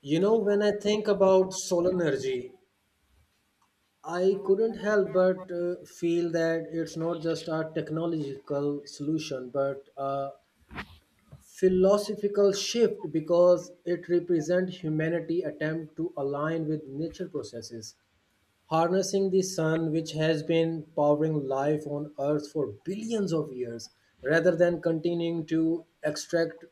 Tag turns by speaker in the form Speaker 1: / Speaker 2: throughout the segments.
Speaker 1: You know, when I think about solar energy, I couldn't help but feel that it's not just a technological solution, but a philosophical shift because it represents humanity's attempt to align with nature processes. Harnessing the sun, which has been powering life on Earth for billions of years, rather than continuing to extract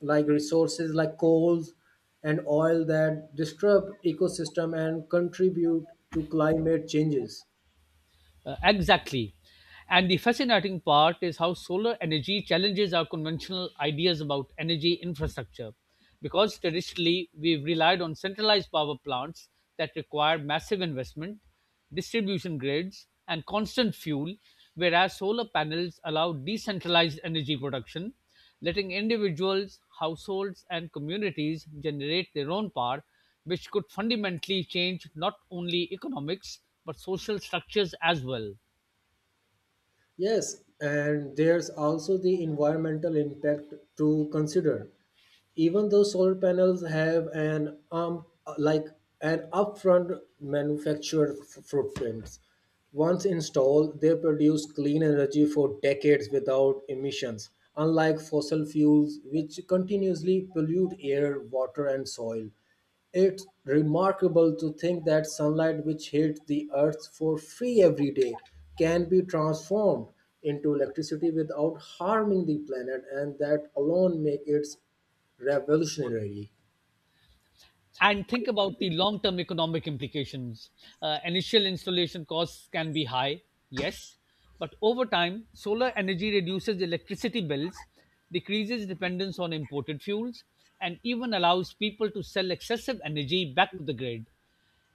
Speaker 1: like resources like coals and oil that disturb ecosystem and contribute to climate changes.
Speaker 2: Exactly. And the fascinating part is how solar energy challenges our conventional ideas about energy infrastructure. Because traditionally, we've relied on centralized power plants that require massive investment, distribution grids, and constant fuel, whereas solar panels allow decentralized energy production, letting individuals, households, and communities generate their own power which could fundamentally change not only economics but social structures as well.
Speaker 1: Yes, and there's also the environmental impact to consider. Even though solar panels have an like an upfront manufactured footprints, once installed they produce clean energy for decades without emissions, unlike fossil fuels which continuously pollute air, water and soil. It's remarkable to think that sunlight, which hits the earth for free every day, can be transformed into electricity without harming the planet, and that alone makes it revolutionary.
Speaker 2: And think about the long term economic implications. Initial installation costs can be high, yes, but over time, solar energy reduces electricity bills, decreases dependence on imported fuels, and even allows people to sell excessive energy back to the grid.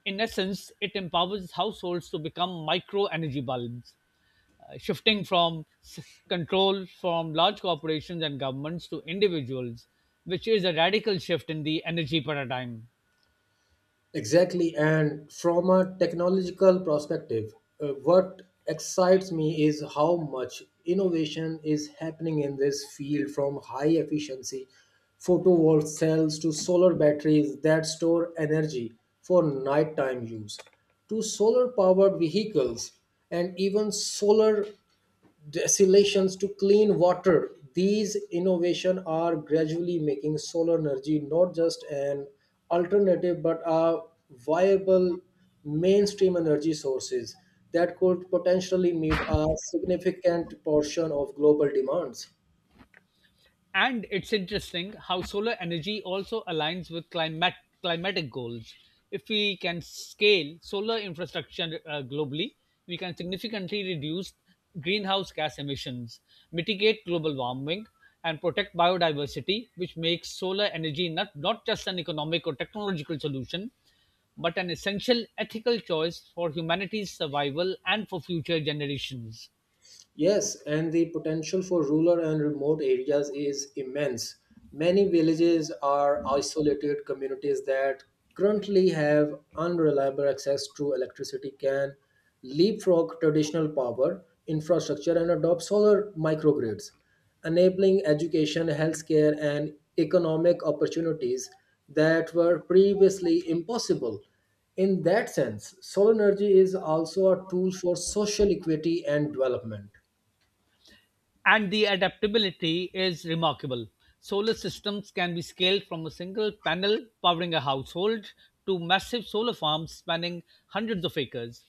Speaker 2: In essence, it empowers households to become micro energy bulbs, uh, shifting from s- control from large corporations and governments to individuals, which is a radical shift in the energy paradigm.
Speaker 1: Exactly. And from a technological perspective, what excites me is how much innovation is happening in this field, from high efficiency photovoltaic cells to solar batteries that store energy for nighttime use, to solar powered vehicles and even solar desalations to clean water. These innovations are gradually making solar energy not just an alternative but a viable mainstream energy sources that could potentially meet a significant portion of global demands.
Speaker 2: And it's interesting how solar energy also aligns with climatic goals. If we can scale solar infrastructure globally, we can significantly reduce greenhouse gas emissions, mitigate global warming, and protect biodiversity, which makes solar energy not just an economic or technological solution, but an essential ethical choice for humanity's survival and for future generations.
Speaker 1: Yes, and the potential for rural and remote areas is immense. Many villages are isolated communities that currently have unreliable access to electricity, can leapfrog traditional power infrastructure and adopt solar microgrids, enabling education, healthcare, and economic opportunities that were previously impossible. In that sense, solar energy is also a tool for social equity and development.
Speaker 2: And the adaptability is remarkable. Solar systems can be scaled from a single panel powering a household to massive solar farms spanning hundreds of acres.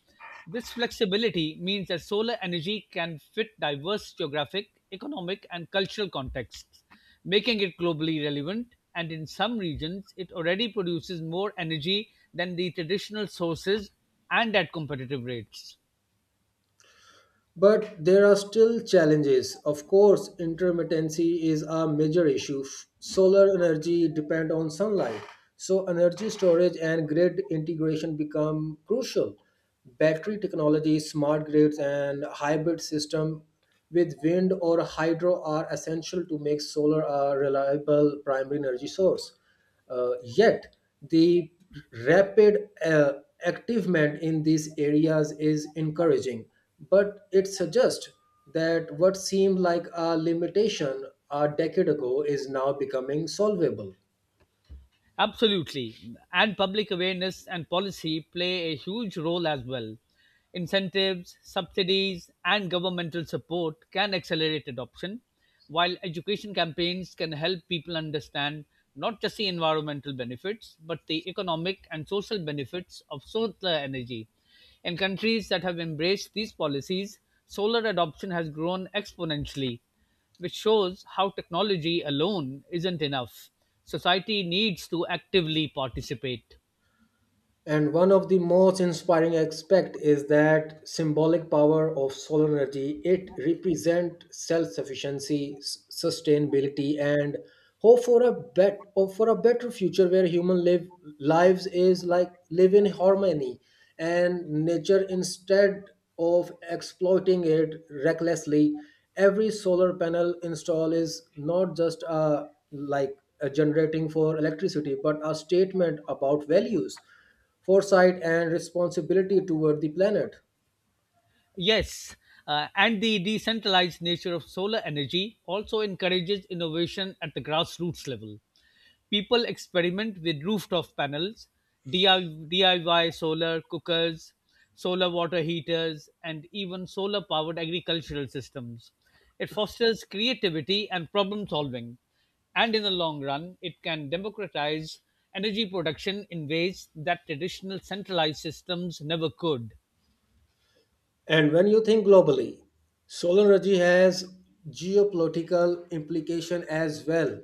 Speaker 2: This flexibility means that solar energy can fit diverse geographic, economic, and cultural contexts, making it globally relevant. And in some regions, it already produces more energy than the traditional sources and at competitive rates.
Speaker 1: But there are still challenges. Of course, intermittency is a major issue. Solar energy depend on sunlight, so energy storage and grid integration become crucial. Battery technology, smart grids, and hybrid system with wind or hydro are essential to make solar a reliable primary energy source. Yet, the rapid activement in these areas is encouraging, but it suggests that what seemed like a limitation a decade ago is now becoming solvable.
Speaker 2: Absolutely. And public awareness and policy play a huge role as well. Incentives, subsidies, and governmental support can accelerate adoption, while education campaigns can help people understand not just the environmental benefits, but the economic and social benefits of solar energy. In countries that have embraced these policies, solar adoption has grown exponentially which shows how technology alone isn't enough. Society needs to actively participate.
Speaker 1: And one of the most inspiring aspects is that symbolic power of solar energy. It represents self-sufficiency, sustainability, and hope for a better future where human lives is like live in harmony and nature instead of exploiting it recklessly. Every solar panel install is not just a like a generating for electricity, but a statement about values, foresight and responsibility toward the planet.
Speaker 2: Yes, and the decentralized nature of solar energy also encourages innovation at the grassroots level. People experiment with rooftop panels, DIY solar cookers, solar water heaters, and even solar powered agricultural systems. It fosters creativity and problem solving, and in the long run, it can democratize energy production in ways that traditional centralized systems never could.
Speaker 1: And when you think globally, solar energy has geopolitical implication as well.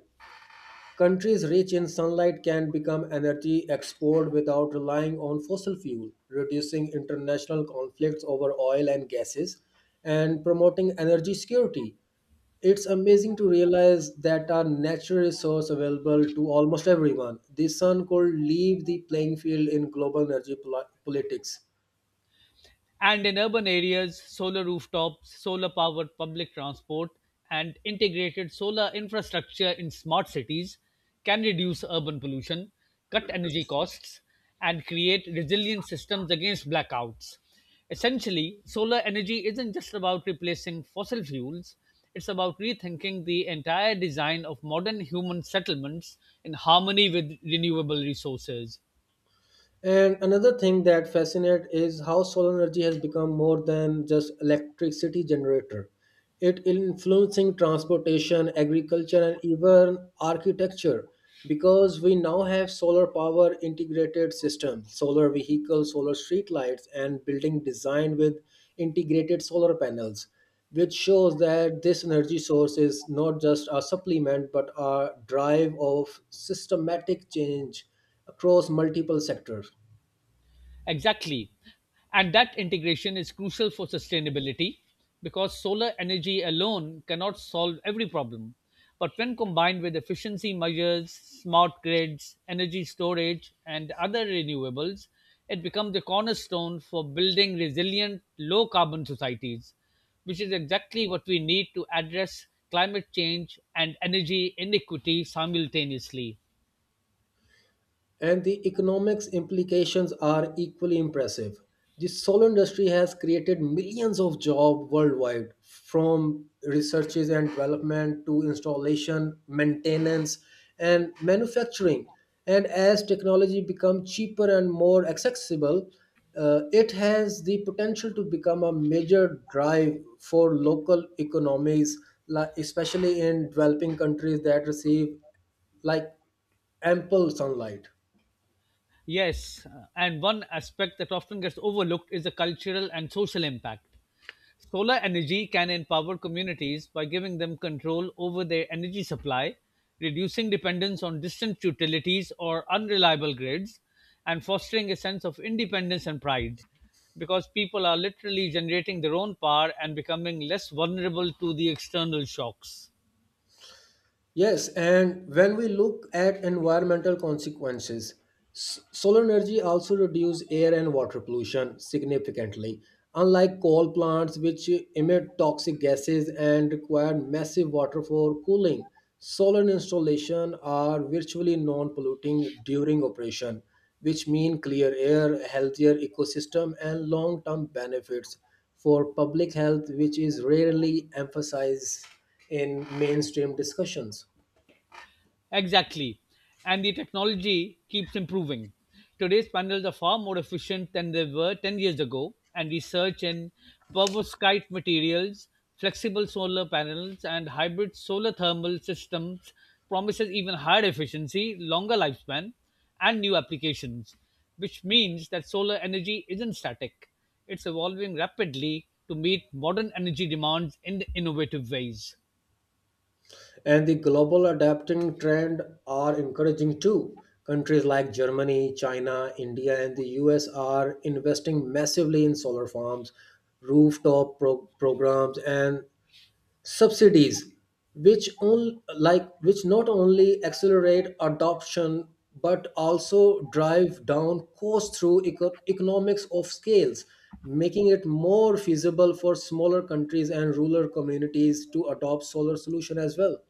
Speaker 1: Countries rich in sunlight can become energy export without relying on fossil fuel, reducing international conflicts over oil and gases and promoting energy security. It's amazing to realize that a natural resource available to almost everyone, the sun, could leave the playing field in global energy politics.
Speaker 2: And in urban areas, solar rooftops, solar powered public transport, and integrated solar infrastructure in smart cities can reduce urban pollution, cut energy costs, and create resilient systems against blackouts. Essentially, solar energy isn't just about replacing fossil fuels, it's about rethinking the entire design of modern human settlements in harmony with renewable resources.
Speaker 1: And another thing that fascinates is how solar energy has become more than just electricity generator. It influencing transportation, agriculture, and even architecture because we now have solar power integrated systems, solar vehicles, solar street lights, and building design with integrated solar panels, which shows that this energy source is not just a supplement but a drive of systematic change across multiple sectors.
Speaker 2: Exactly. And that integration is crucial for sustainability because solar energy alone cannot solve every problem. But when combined with efficiency measures, smart grids, energy storage, and other renewables, it becomes the cornerstone for building resilient, low carbon societies, which is exactly what we need to address climate change and energy inequity simultaneously.
Speaker 1: And the economics implications are equally impressive. The solar industry has created millions of jobs worldwide, from researches and development to installation, maintenance, and manufacturing. And as technology becomes cheaper and more accessible, it has the potential to become a major drive for local economies, especially in developing countries that receive like ample sunlight.
Speaker 2: Yes, and one aspect that often gets overlooked is the cultural and social impact. Solar energy can empower communities by giving them control over their energy supply, reducing dependence on distant utilities or unreliable grids, and fostering a sense of independence and pride because people are literally generating their own power and becoming less vulnerable to the external shocks.
Speaker 1: Yes, and when we look at environmental consequences, solar energy also reduces air and water pollution significantly. Unlike coal plants, which emit toxic gases and require massive water for cooling, solar installations are virtually non polluting during operation, which mean clear air, healthier ecosystem, and long term benefits for public health, which is rarely emphasized in mainstream discussions.
Speaker 2: Exactly. And the technology keeps improving. Today's panels are far more efficient than they were 10 years ago, and research in perovskite materials, flexible solar panels, and hybrid solar thermal systems promises even higher efficiency, longer lifespan, and new applications, which means that solar energy isn't static. It's evolving rapidly to meet modern energy demands in innovative ways.
Speaker 1: And the global adapting trend are encouraging too. Countries like Germany, China, India, and the US are investing massively in solar farms, programs, and subsidies, like which not only accelerate adoption but also drive down costs through economics of scales, making it more feasible for smaller countries and rural communities to adopt solar solution as well.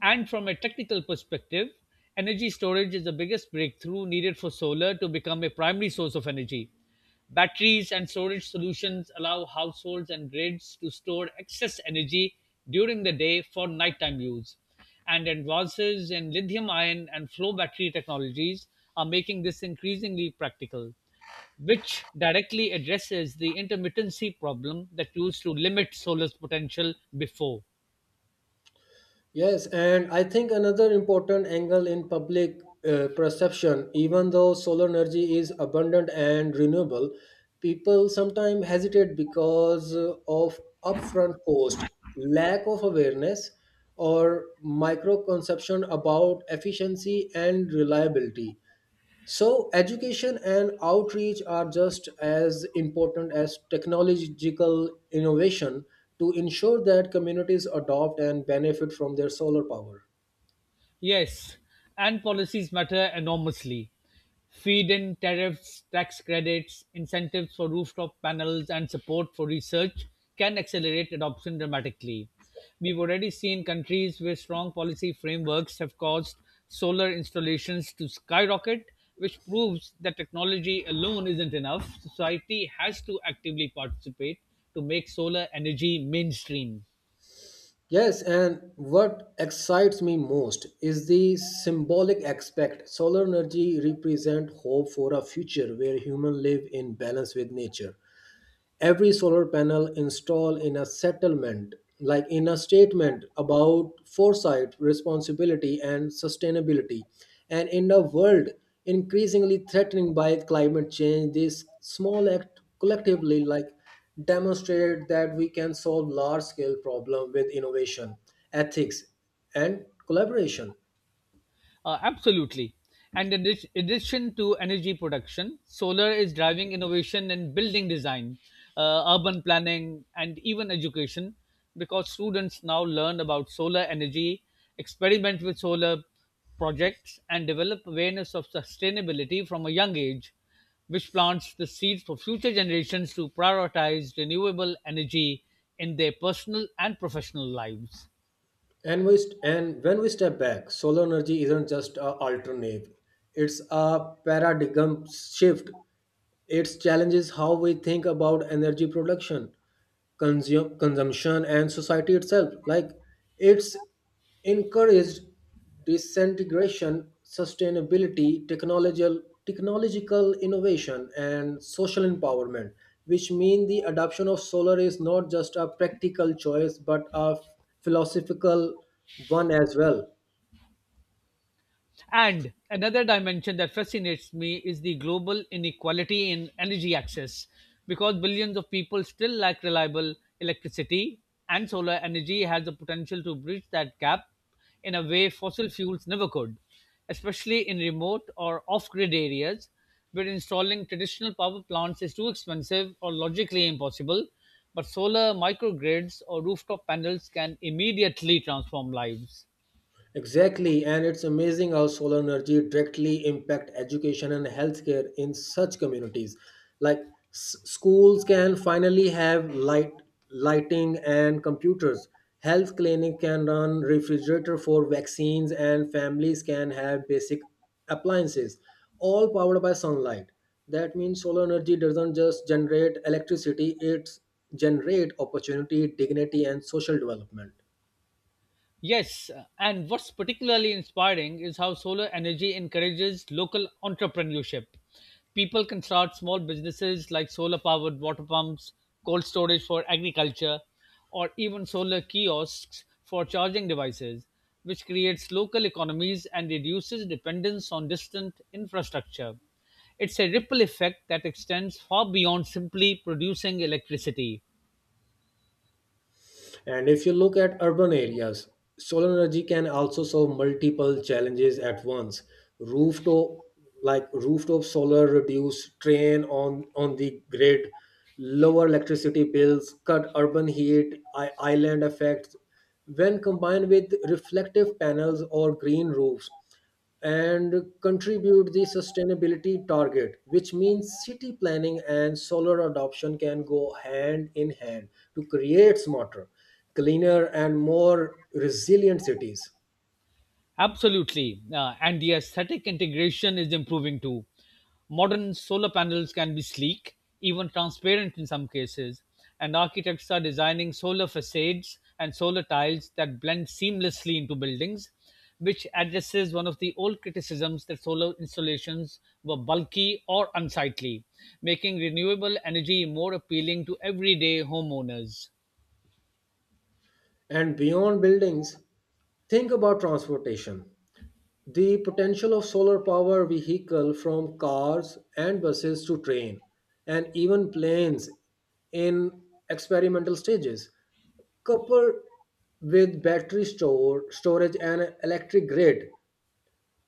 Speaker 2: And from a technical perspective, energy storage is the biggest breakthrough needed for solar to become a primary source of energy. Batteries and storage solutions allow households and grids to store excess energy during the day for nighttime use. And advances in lithium ion and flow battery technologies are making this increasingly practical, which directly addresses the intermittency problem that used to limit solar's potential before.
Speaker 1: Yes, and I think another important angle in public perception, even though solar energy is abundant and renewable, people sometimes hesitate because of upfront cost, lack of awareness, or micro conception about efficiency and reliability. So, education and outreach are just as important as technological innovation to ensure that communities adopt and benefit from their solar power.
Speaker 2: Yes, and policies matter enormously. Feed in tariffs, tax credits, incentives for rooftop panels, and support for research can accelerate adoption dramatically. We've already seen countries with strong policy frameworks have caused solar installations to skyrocket, which proves that technology alone isn't enough. Society has to actively participate to make solar energy mainstream.
Speaker 1: Yes, and what excites me most is the symbolic aspect. Solar energy represent hope for a future where humans live in balance with nature, every solar panel installed in a settlement like in a statement about foresight, responsibility and sustainability, and in a world increasingly threatened by climate change, this small act collectively like demonstrated that we can solve large scale problem with innovation, ethics and collaboration.
Speaker 2: Absolutely. And in addition to energy production, solar is driving innovation in building design, urban planning, and even education because students now learn about solar energy, experiment with solar projects, and develop awareness of sustainability from a young age, which plants the seeds for future generations to prioritize renewable energy in their personal and professional lives.
Speaker 1: And when we step back, solar energy isn't just a alternative, it's a paradigm shift. Its challenge is how we think about energy production, consumption, and society itself. Like it's encouraged disintegration, sustainability, technological innovation, and social empowerment, which mean the adoption of solar is not just a practical choice but a philosophical one as well.
Speaker 2: And another dimension that fascinates me is the global inequality in energy access, because billions of people still lack reliable electricity, and solar energy has the potential to bridge that gap in a way fossil fuels never could, especially in remote or off grid areas where installing traditional power plants is too expensive or logically impossible. But solar microgrids or rooftop panels can immediately transform lives.
Speaker 1: Exactly, and it's amazing how solar energy directly impact education and healthcare in such communities. Like schools can finally have lighting, and computers. Health clinic can run refrigerator for vaccines, and families can have basic appliances, all powered by sunlight. That means solar energy doesn't just generate electricity; it's generate opportunity, dignity, and social development.
Speaker 2: Yes, and what's particularly inspiring is how solar energy encourages local entrepreneurship. People can start small businesses like solar powered water pumps, cold storage for agriculture, or even solar kiosks for charging devices, which creates local economies and reduces dependence on distant infrastructure. It's a ripple effect that extends far beyond simply producing electricity.
Speaker 1: And if you look at urban areas, solar energy can also solve multiple challenges at once. Rooftop like rooftop solar reduce strain on the grid, lower electricity bills, cut urban heat, island effects. When combined with reflective panels or green roofs, and contribute the sustainability target, which means city planning and solar adoption can go hand in hand to create smarter, cleaner and more resilient cities.
Speaker 2: Absolutely. And the aesthetic integration is improving too. Modern solar panels can be sleek, even transparent in some cases, and architects are designing solar facades and solar tiles that blend seamlessly into buildings, which addresses one of the old criticisms that solar installations were bulky or unsightly, making renewable energy more appealing to everyday homeowners.
Speaker 1: And beyond buildings, think about transportation, the potential of solar power vehicle from cars and buses to train and even planes in experimental stages. Coupled with storage and electric grid,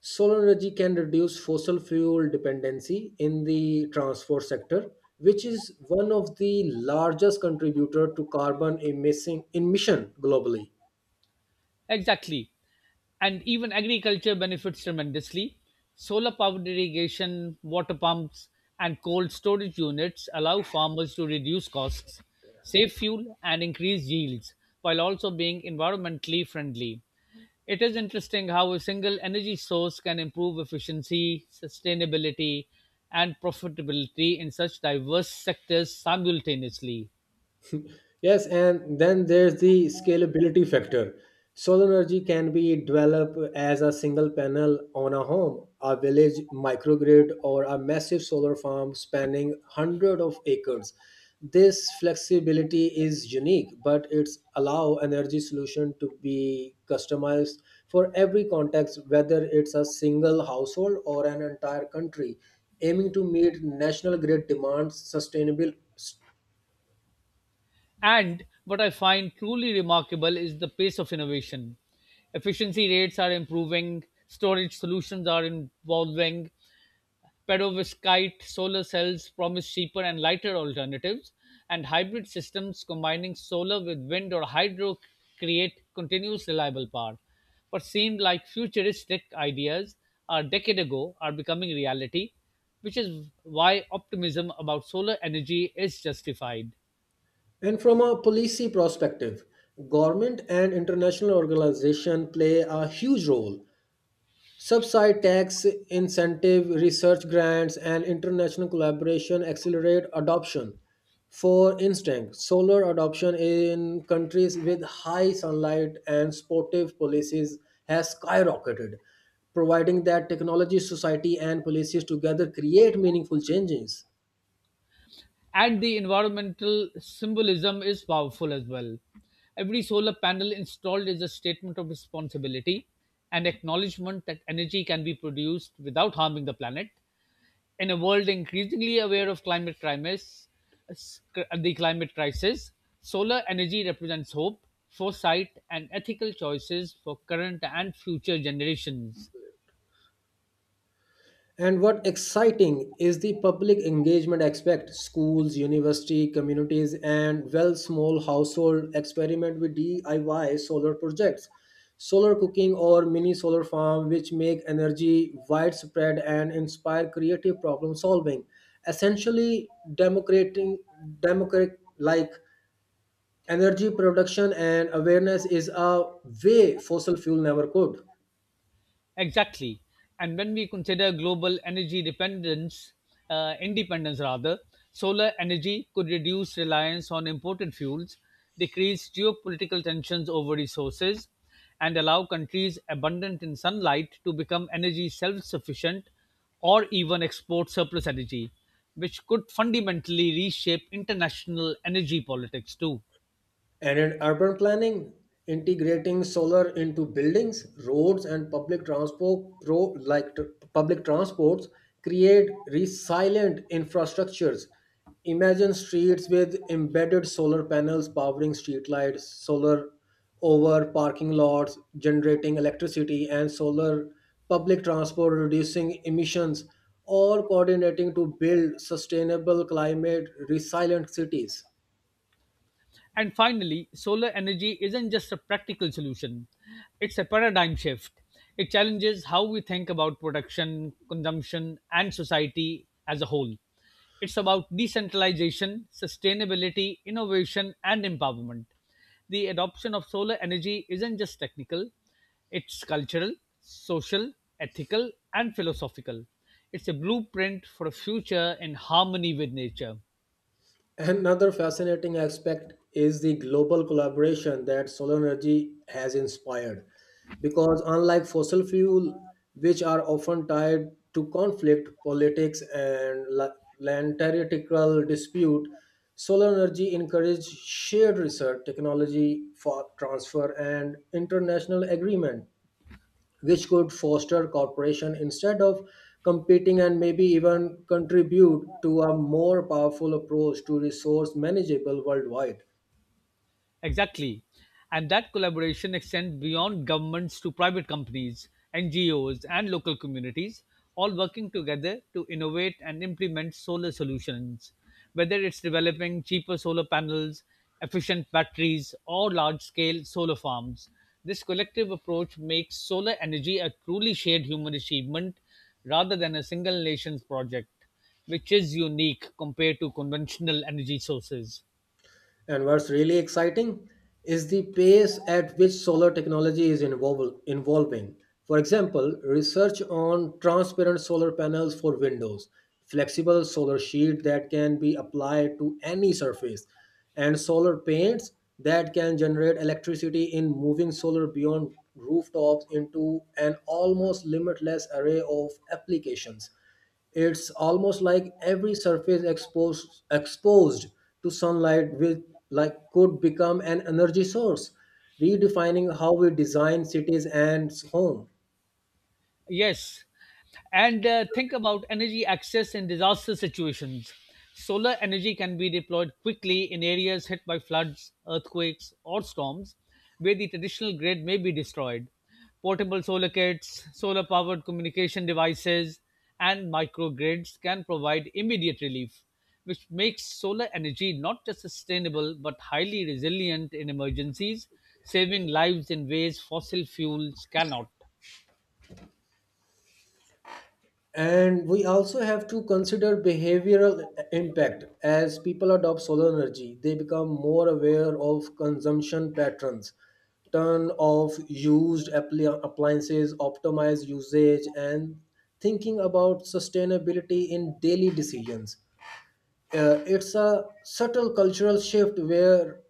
Speaker 1: solar energy can reduce fossil fuel dependency in the transport sector, which is one of the largest contributor to carbon emission globally.
Speaker 2: Exactly. And even agriculture benefits tremendously. Solar powered irrigation, water pumps, and cold storage units allow farmers to reduce costs, save fuel, and increase yields while also being environmentally friendly. It is interesting how a single energy source can improve efficiency, sustainability, and profitability in such diverse sectors simultaneously.
Speaker 1: Yes, and then there's the scalability factor. Solar energy can be developed as a single panel on a home, a village microgrid, or a massive solar farm spanning hundreds of acres. This flexibility is unique, but it's allow energy solution to be customized for every context, whether it's a single household or an entire country, aiming to meet national grid demands sustainable.
Speaker 2: And what I find truly remarkable is the pace of innovation. Efficiency rates are improving, storage solutions are evolving, perovskite solar cells promise cheaper and lighter alternatives, and hybrid systems combining solar with wind or hydro create continuous reliable power. What seemed like futuristic ideas a decade ago are becoming reality, which is why optimism about solar energy is justified.
Speaker 1: And from a policy perspective, government and international organizations play a huge role. Subside tax, incentive, research grants, and international collaboration accelerate adoption. For instance, solar adoption in countries with high sunlight and supportive policies has skyrocketed, providing that technology, society, and policies together create meaningful changes.
Speaker 2: And the environmental symbolism is powerful as well. Every solar panel installed is a statement of responsibility, an acknowledgement that energy can be produced without harming the planet. In a world increasingly aware of the climate crisis, solar energy represents hope, foresight, and ethical choices for current and future generations.
Speaker 1: And what exciting is the public engagement aspect. Schools, university, communities, and well small household experiment with DIY solar projects, solar cooking or mini solar farm which make energy widespread and inspire creative problem solving. Essentially democrating democratic like energy production and awareness is a way fossil fuel never could.
Speaker 2: Exactly. And when we consider global independence rather, solar energy could reduce reliance on imported fuels, decrease geopolitical tensions over resources, and allow countries abundant in sunlight to become energy self sufficient or even export surplus energy, which could fundamentally reshape international energy politics too.
Speaker 1: And in urban planning, integrating solar into buildings, roads, and like public transports, create resilient infrastructures. Imagine streets with embedded solar panels powering streetlights, solar over parking lots, generating electricity, and solar public transport, reducing emissions, or coordinating to build sustainable, climate resilient cities.
Speaker 2: And finally, solar energy isn't just a practical solution, it's a paradigm shift. It challenges how we think about production, consumption, and society as a whole. It's about decentralization, sustainability, innovation, and empowerment. The adoption of solar energy isn't just technical, it's cultural, social, ethical, and philosophical. It's a blueprint for a future in harmony with nature.
Speaker 1: Another fascinating aspect is the global collaboration that solar energy has inspired. Because unlike fossil fuel, which are often tied to conflict, politics, and land territorial dispute, solar energy encourages shared research, technology for transfer, and international agreement which could foster cooperation instead of competing, and maybe even contribute to a more powerful approach to resource manageable worldwide.
Speaker 2: Exactly. And that collaboration extends beyond governments to private companies, NGOs, and local communities, all working together to innovate and implement solar solutions. Whether it's developing cheaper solar panels, efficient batteries, or large scale solar farms, this collective approach makes solar energy a truly shared human achievement rather than a single nation's project, which is unique compared to conventional energy sources.
Speaker 1: And what's really exciting is the pace at which solar technology is evolving. For example, research on transparent solar panels for windows, flexible solar sheet that can be applied to any surface, and solar paints that can generate electricity, in moving solar beyond rooftops into an almost limitless array of applications. It's almost like every surface exposed to sunlight will like could become an energy source, redefining how we design cities and home.
Speaker 2: Yes. And think about energy access in disaster situations. Solar energy can be deployed quickly in areas hit by floods, earthquakes, or storms where the traditional grid may be destroyed. Portable solar kits, solar powered communication devices, and microgrids can provide immediate relief, which makes solar energy not just sustainable but highly resilient in emergencies, saving lives in ways fossil fuels cannot.
Speaker 1: And we also have to consider behavioral impact. As people adopt solar energy, they become more aware of consumption patterns, turn off used appliances, optimize usage, and thinking about sustainability in daily decisions. It's a subtle cultural shift where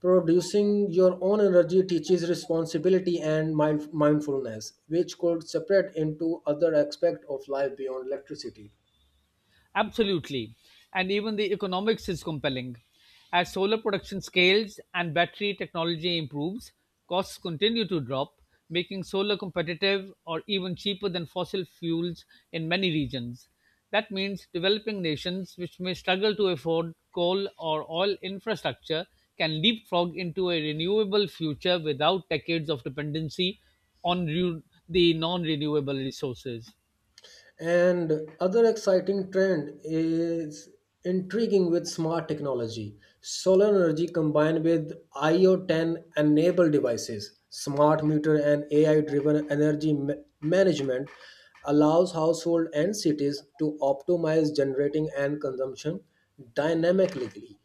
Speaker 1: producing your own energy teaches responsibility and mindfulness, which could separate into other aspects of life beyond electricity.
Speaker 2: Absolutely. And even the economics is compelling. As solar production scales and battery technology improves, costs continue to drop, making solar competitive or even cheaper than fossil fuels in many regions. That means developing nations which may struggle to afford coal or oil infrastructure can leapfrog into a renewable future without decades of dependency on re- the non renewable resources.
Speaker 1: And other exciting trend is intriguing with smart technology. Solar energy combined with IoT enabled devices, smart meter and AI driven energy management allows household and cities to optimize generating and consumption dynamically.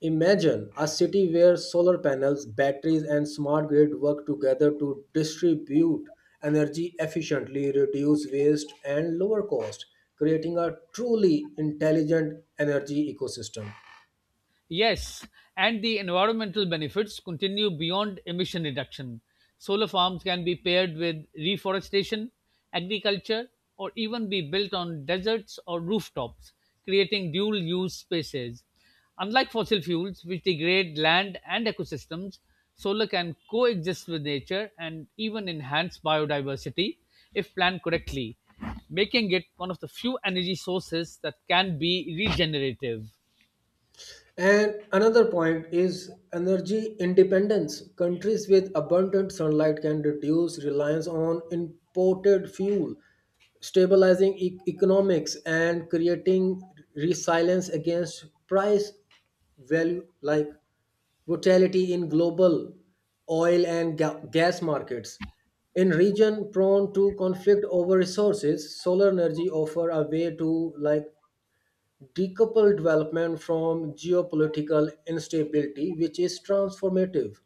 Speaker 1: Imagine a city where solar panels, batteries, and smart grid work together to distribute energy efficiently, reduce waste, and lower cost, creating a truly intelligent energy ecosystem.
Speaker 2: Yes, and the environmental benefits continue beyond emission reduction. Solar farms can be paired with reforestation, agriculture, or even be built on deserts or rooftops, creating dual use spaces. Unlike fossil fuels, which degrade land and ecosystems, solar can coexist with nature and even enhance biodiversity if planned correctly, making it one of the few energy sources that can be regenerative.
Speaker 1: And another point is energy independence. Countries with abundant sunlight can reduce reliance on imported fuel, stabilizing economics and creating resilience against price value like volatility in global oil and gas markets. In region prone to conflict over resources, solar energy offer a way to like decouple development from geopolitical instability, which is transformative.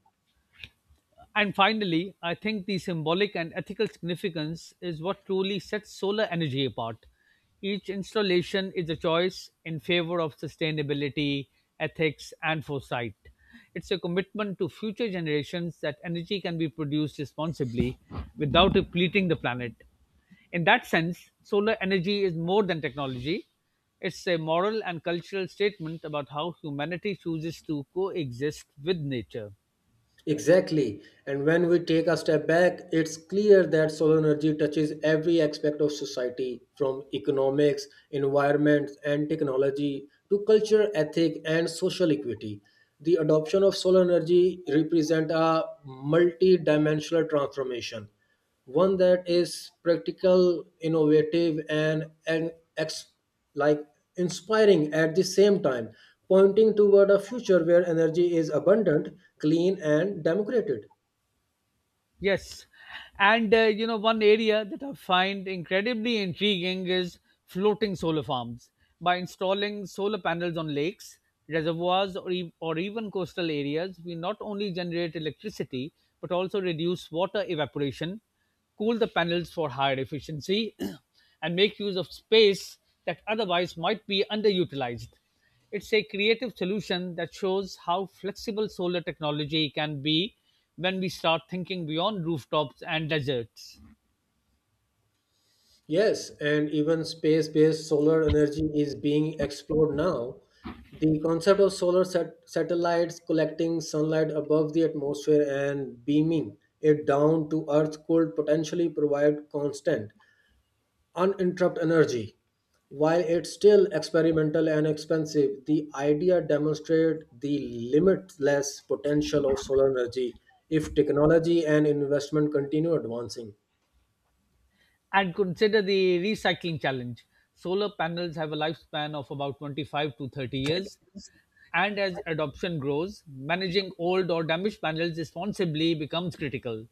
Speaker 2: And finally, I think the symbolic and ethical significance is what truly sets solar energy apart. Each installation is a choice in favor of sustainability, ethics, and foresight. It's a commitment to future generations that energy can be produced responsibly without depleting the planet. In that sense, solar energy is more than technology. It's a moral and cultural statement about how humanity chooses to coexist with nature.
Speaker 1: Exactly. And when we take a step back, it's clear that solar energy touches every aspect of society, from economics, environment, and technology to culture, ethic, and social equity. The adoption of solar energy represents a multi dimensional transformation, one that is practical, innovative and like inspiring at the same time, pointing toward a future where energy is abundant, clean and democratic.
Speaker 2: Yes, and you know one area that I find incredibly intriguing is floating solar farms. By installing solar panels on lakes, reservoirs, or even coastal areas, we not only generate electricity but also reduce water evaporation, cool the panels for higher efficiency, and make use of space that otherwise might be underutilized. It's a creative solution that shows how flexible solar technology can be when we start thinking beyond rooftops and deserts.
Speaker 1: Yes, and even space based solar energy is being explored now. The concept of solar satellites collecting sunlight above the atmosphere and beaming it down to earth could potentially provide constant, uninterrupted energy. While it's still experimental and expensive, the idea demonstrates the limitless potential of solar energy if technology and investment continue advancing.
Speaker 2: And consider the recycling challenge. Solar panels have a lifespan of about 25 to 30 years, and as adoption grows, managing old or damaged panels responsibly becomes critical.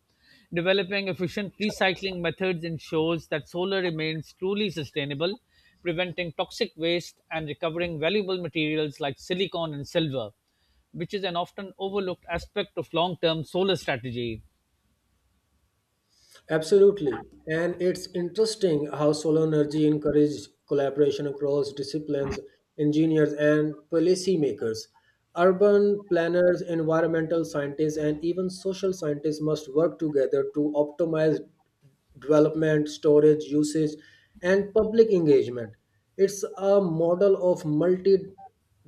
Speaker 2: Developing efficient recycling methods ensures that solar remains truly sustainable, preventing toxic waste and recovering valuable materials like silicon and silver, which is an often overlooked aspect of long term solar strategy.
Speaker 1: Absolutely. And it's interesting how solar energy encouraged collaboration across disciplines, engineers, and policymakers. Urban planners, environmental scientists, and even social scientists must work together to optimize development, storage, usage, and public engagement. It's a model of multi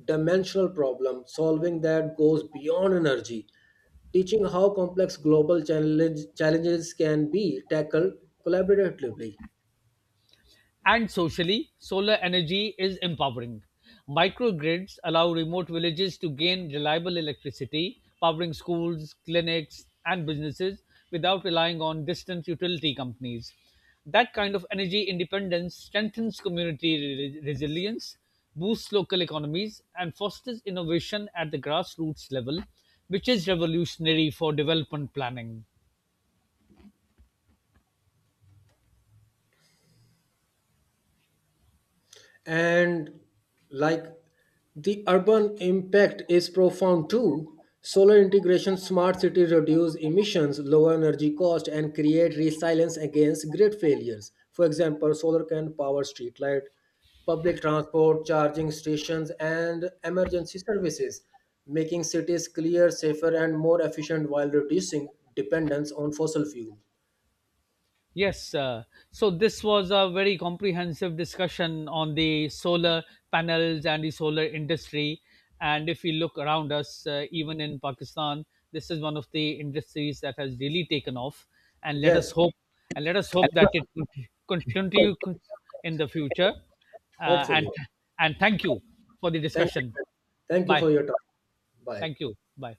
Speaker 1: dimensional problem solving that goes beyond energy, teaching how challenges can be tackled collaboratively.
Speaker 2: And socially, solar energy is empowering. Microgrids allow remote villages to gain reliable electricity, powering schools, clinics, and businesses without relying on distant utility companies. That kind of energy independence strengthens resilience, boosts local economies, and fosters innovation at the grassroots level, which is revolutionary for development planning.
Speaker 1: And like the urban impact is profound too. Solar integration smart cities reduce emissions, lower energy cost and create resilience against grid failures. For example, solar can power street light, public transport charging stations and emergency services, making cities cleaner, safer and more efficient while reducing dependence on fossil fuel.
Speaker 2: Yes, so this was a very comprehensive discussion on the solar panels and the solar industry. And if we look around us, even in Pakistan, this is one of the industries that has really taken off. And let us
Speaker 1: Yes,
Speaker 2: hope, and let us hope that it con- continue con- in the future. Uh,
Speaker 1: hopefully.
Speaker 2: and and thank you for the
Speaker 1: Thank
Speaker 2: discussion.
Speaker 1: you. Thank you
Speaker 2: Bye.
Speaker 1: for your time. Bye.
Speaker 2: Thank you. Bye.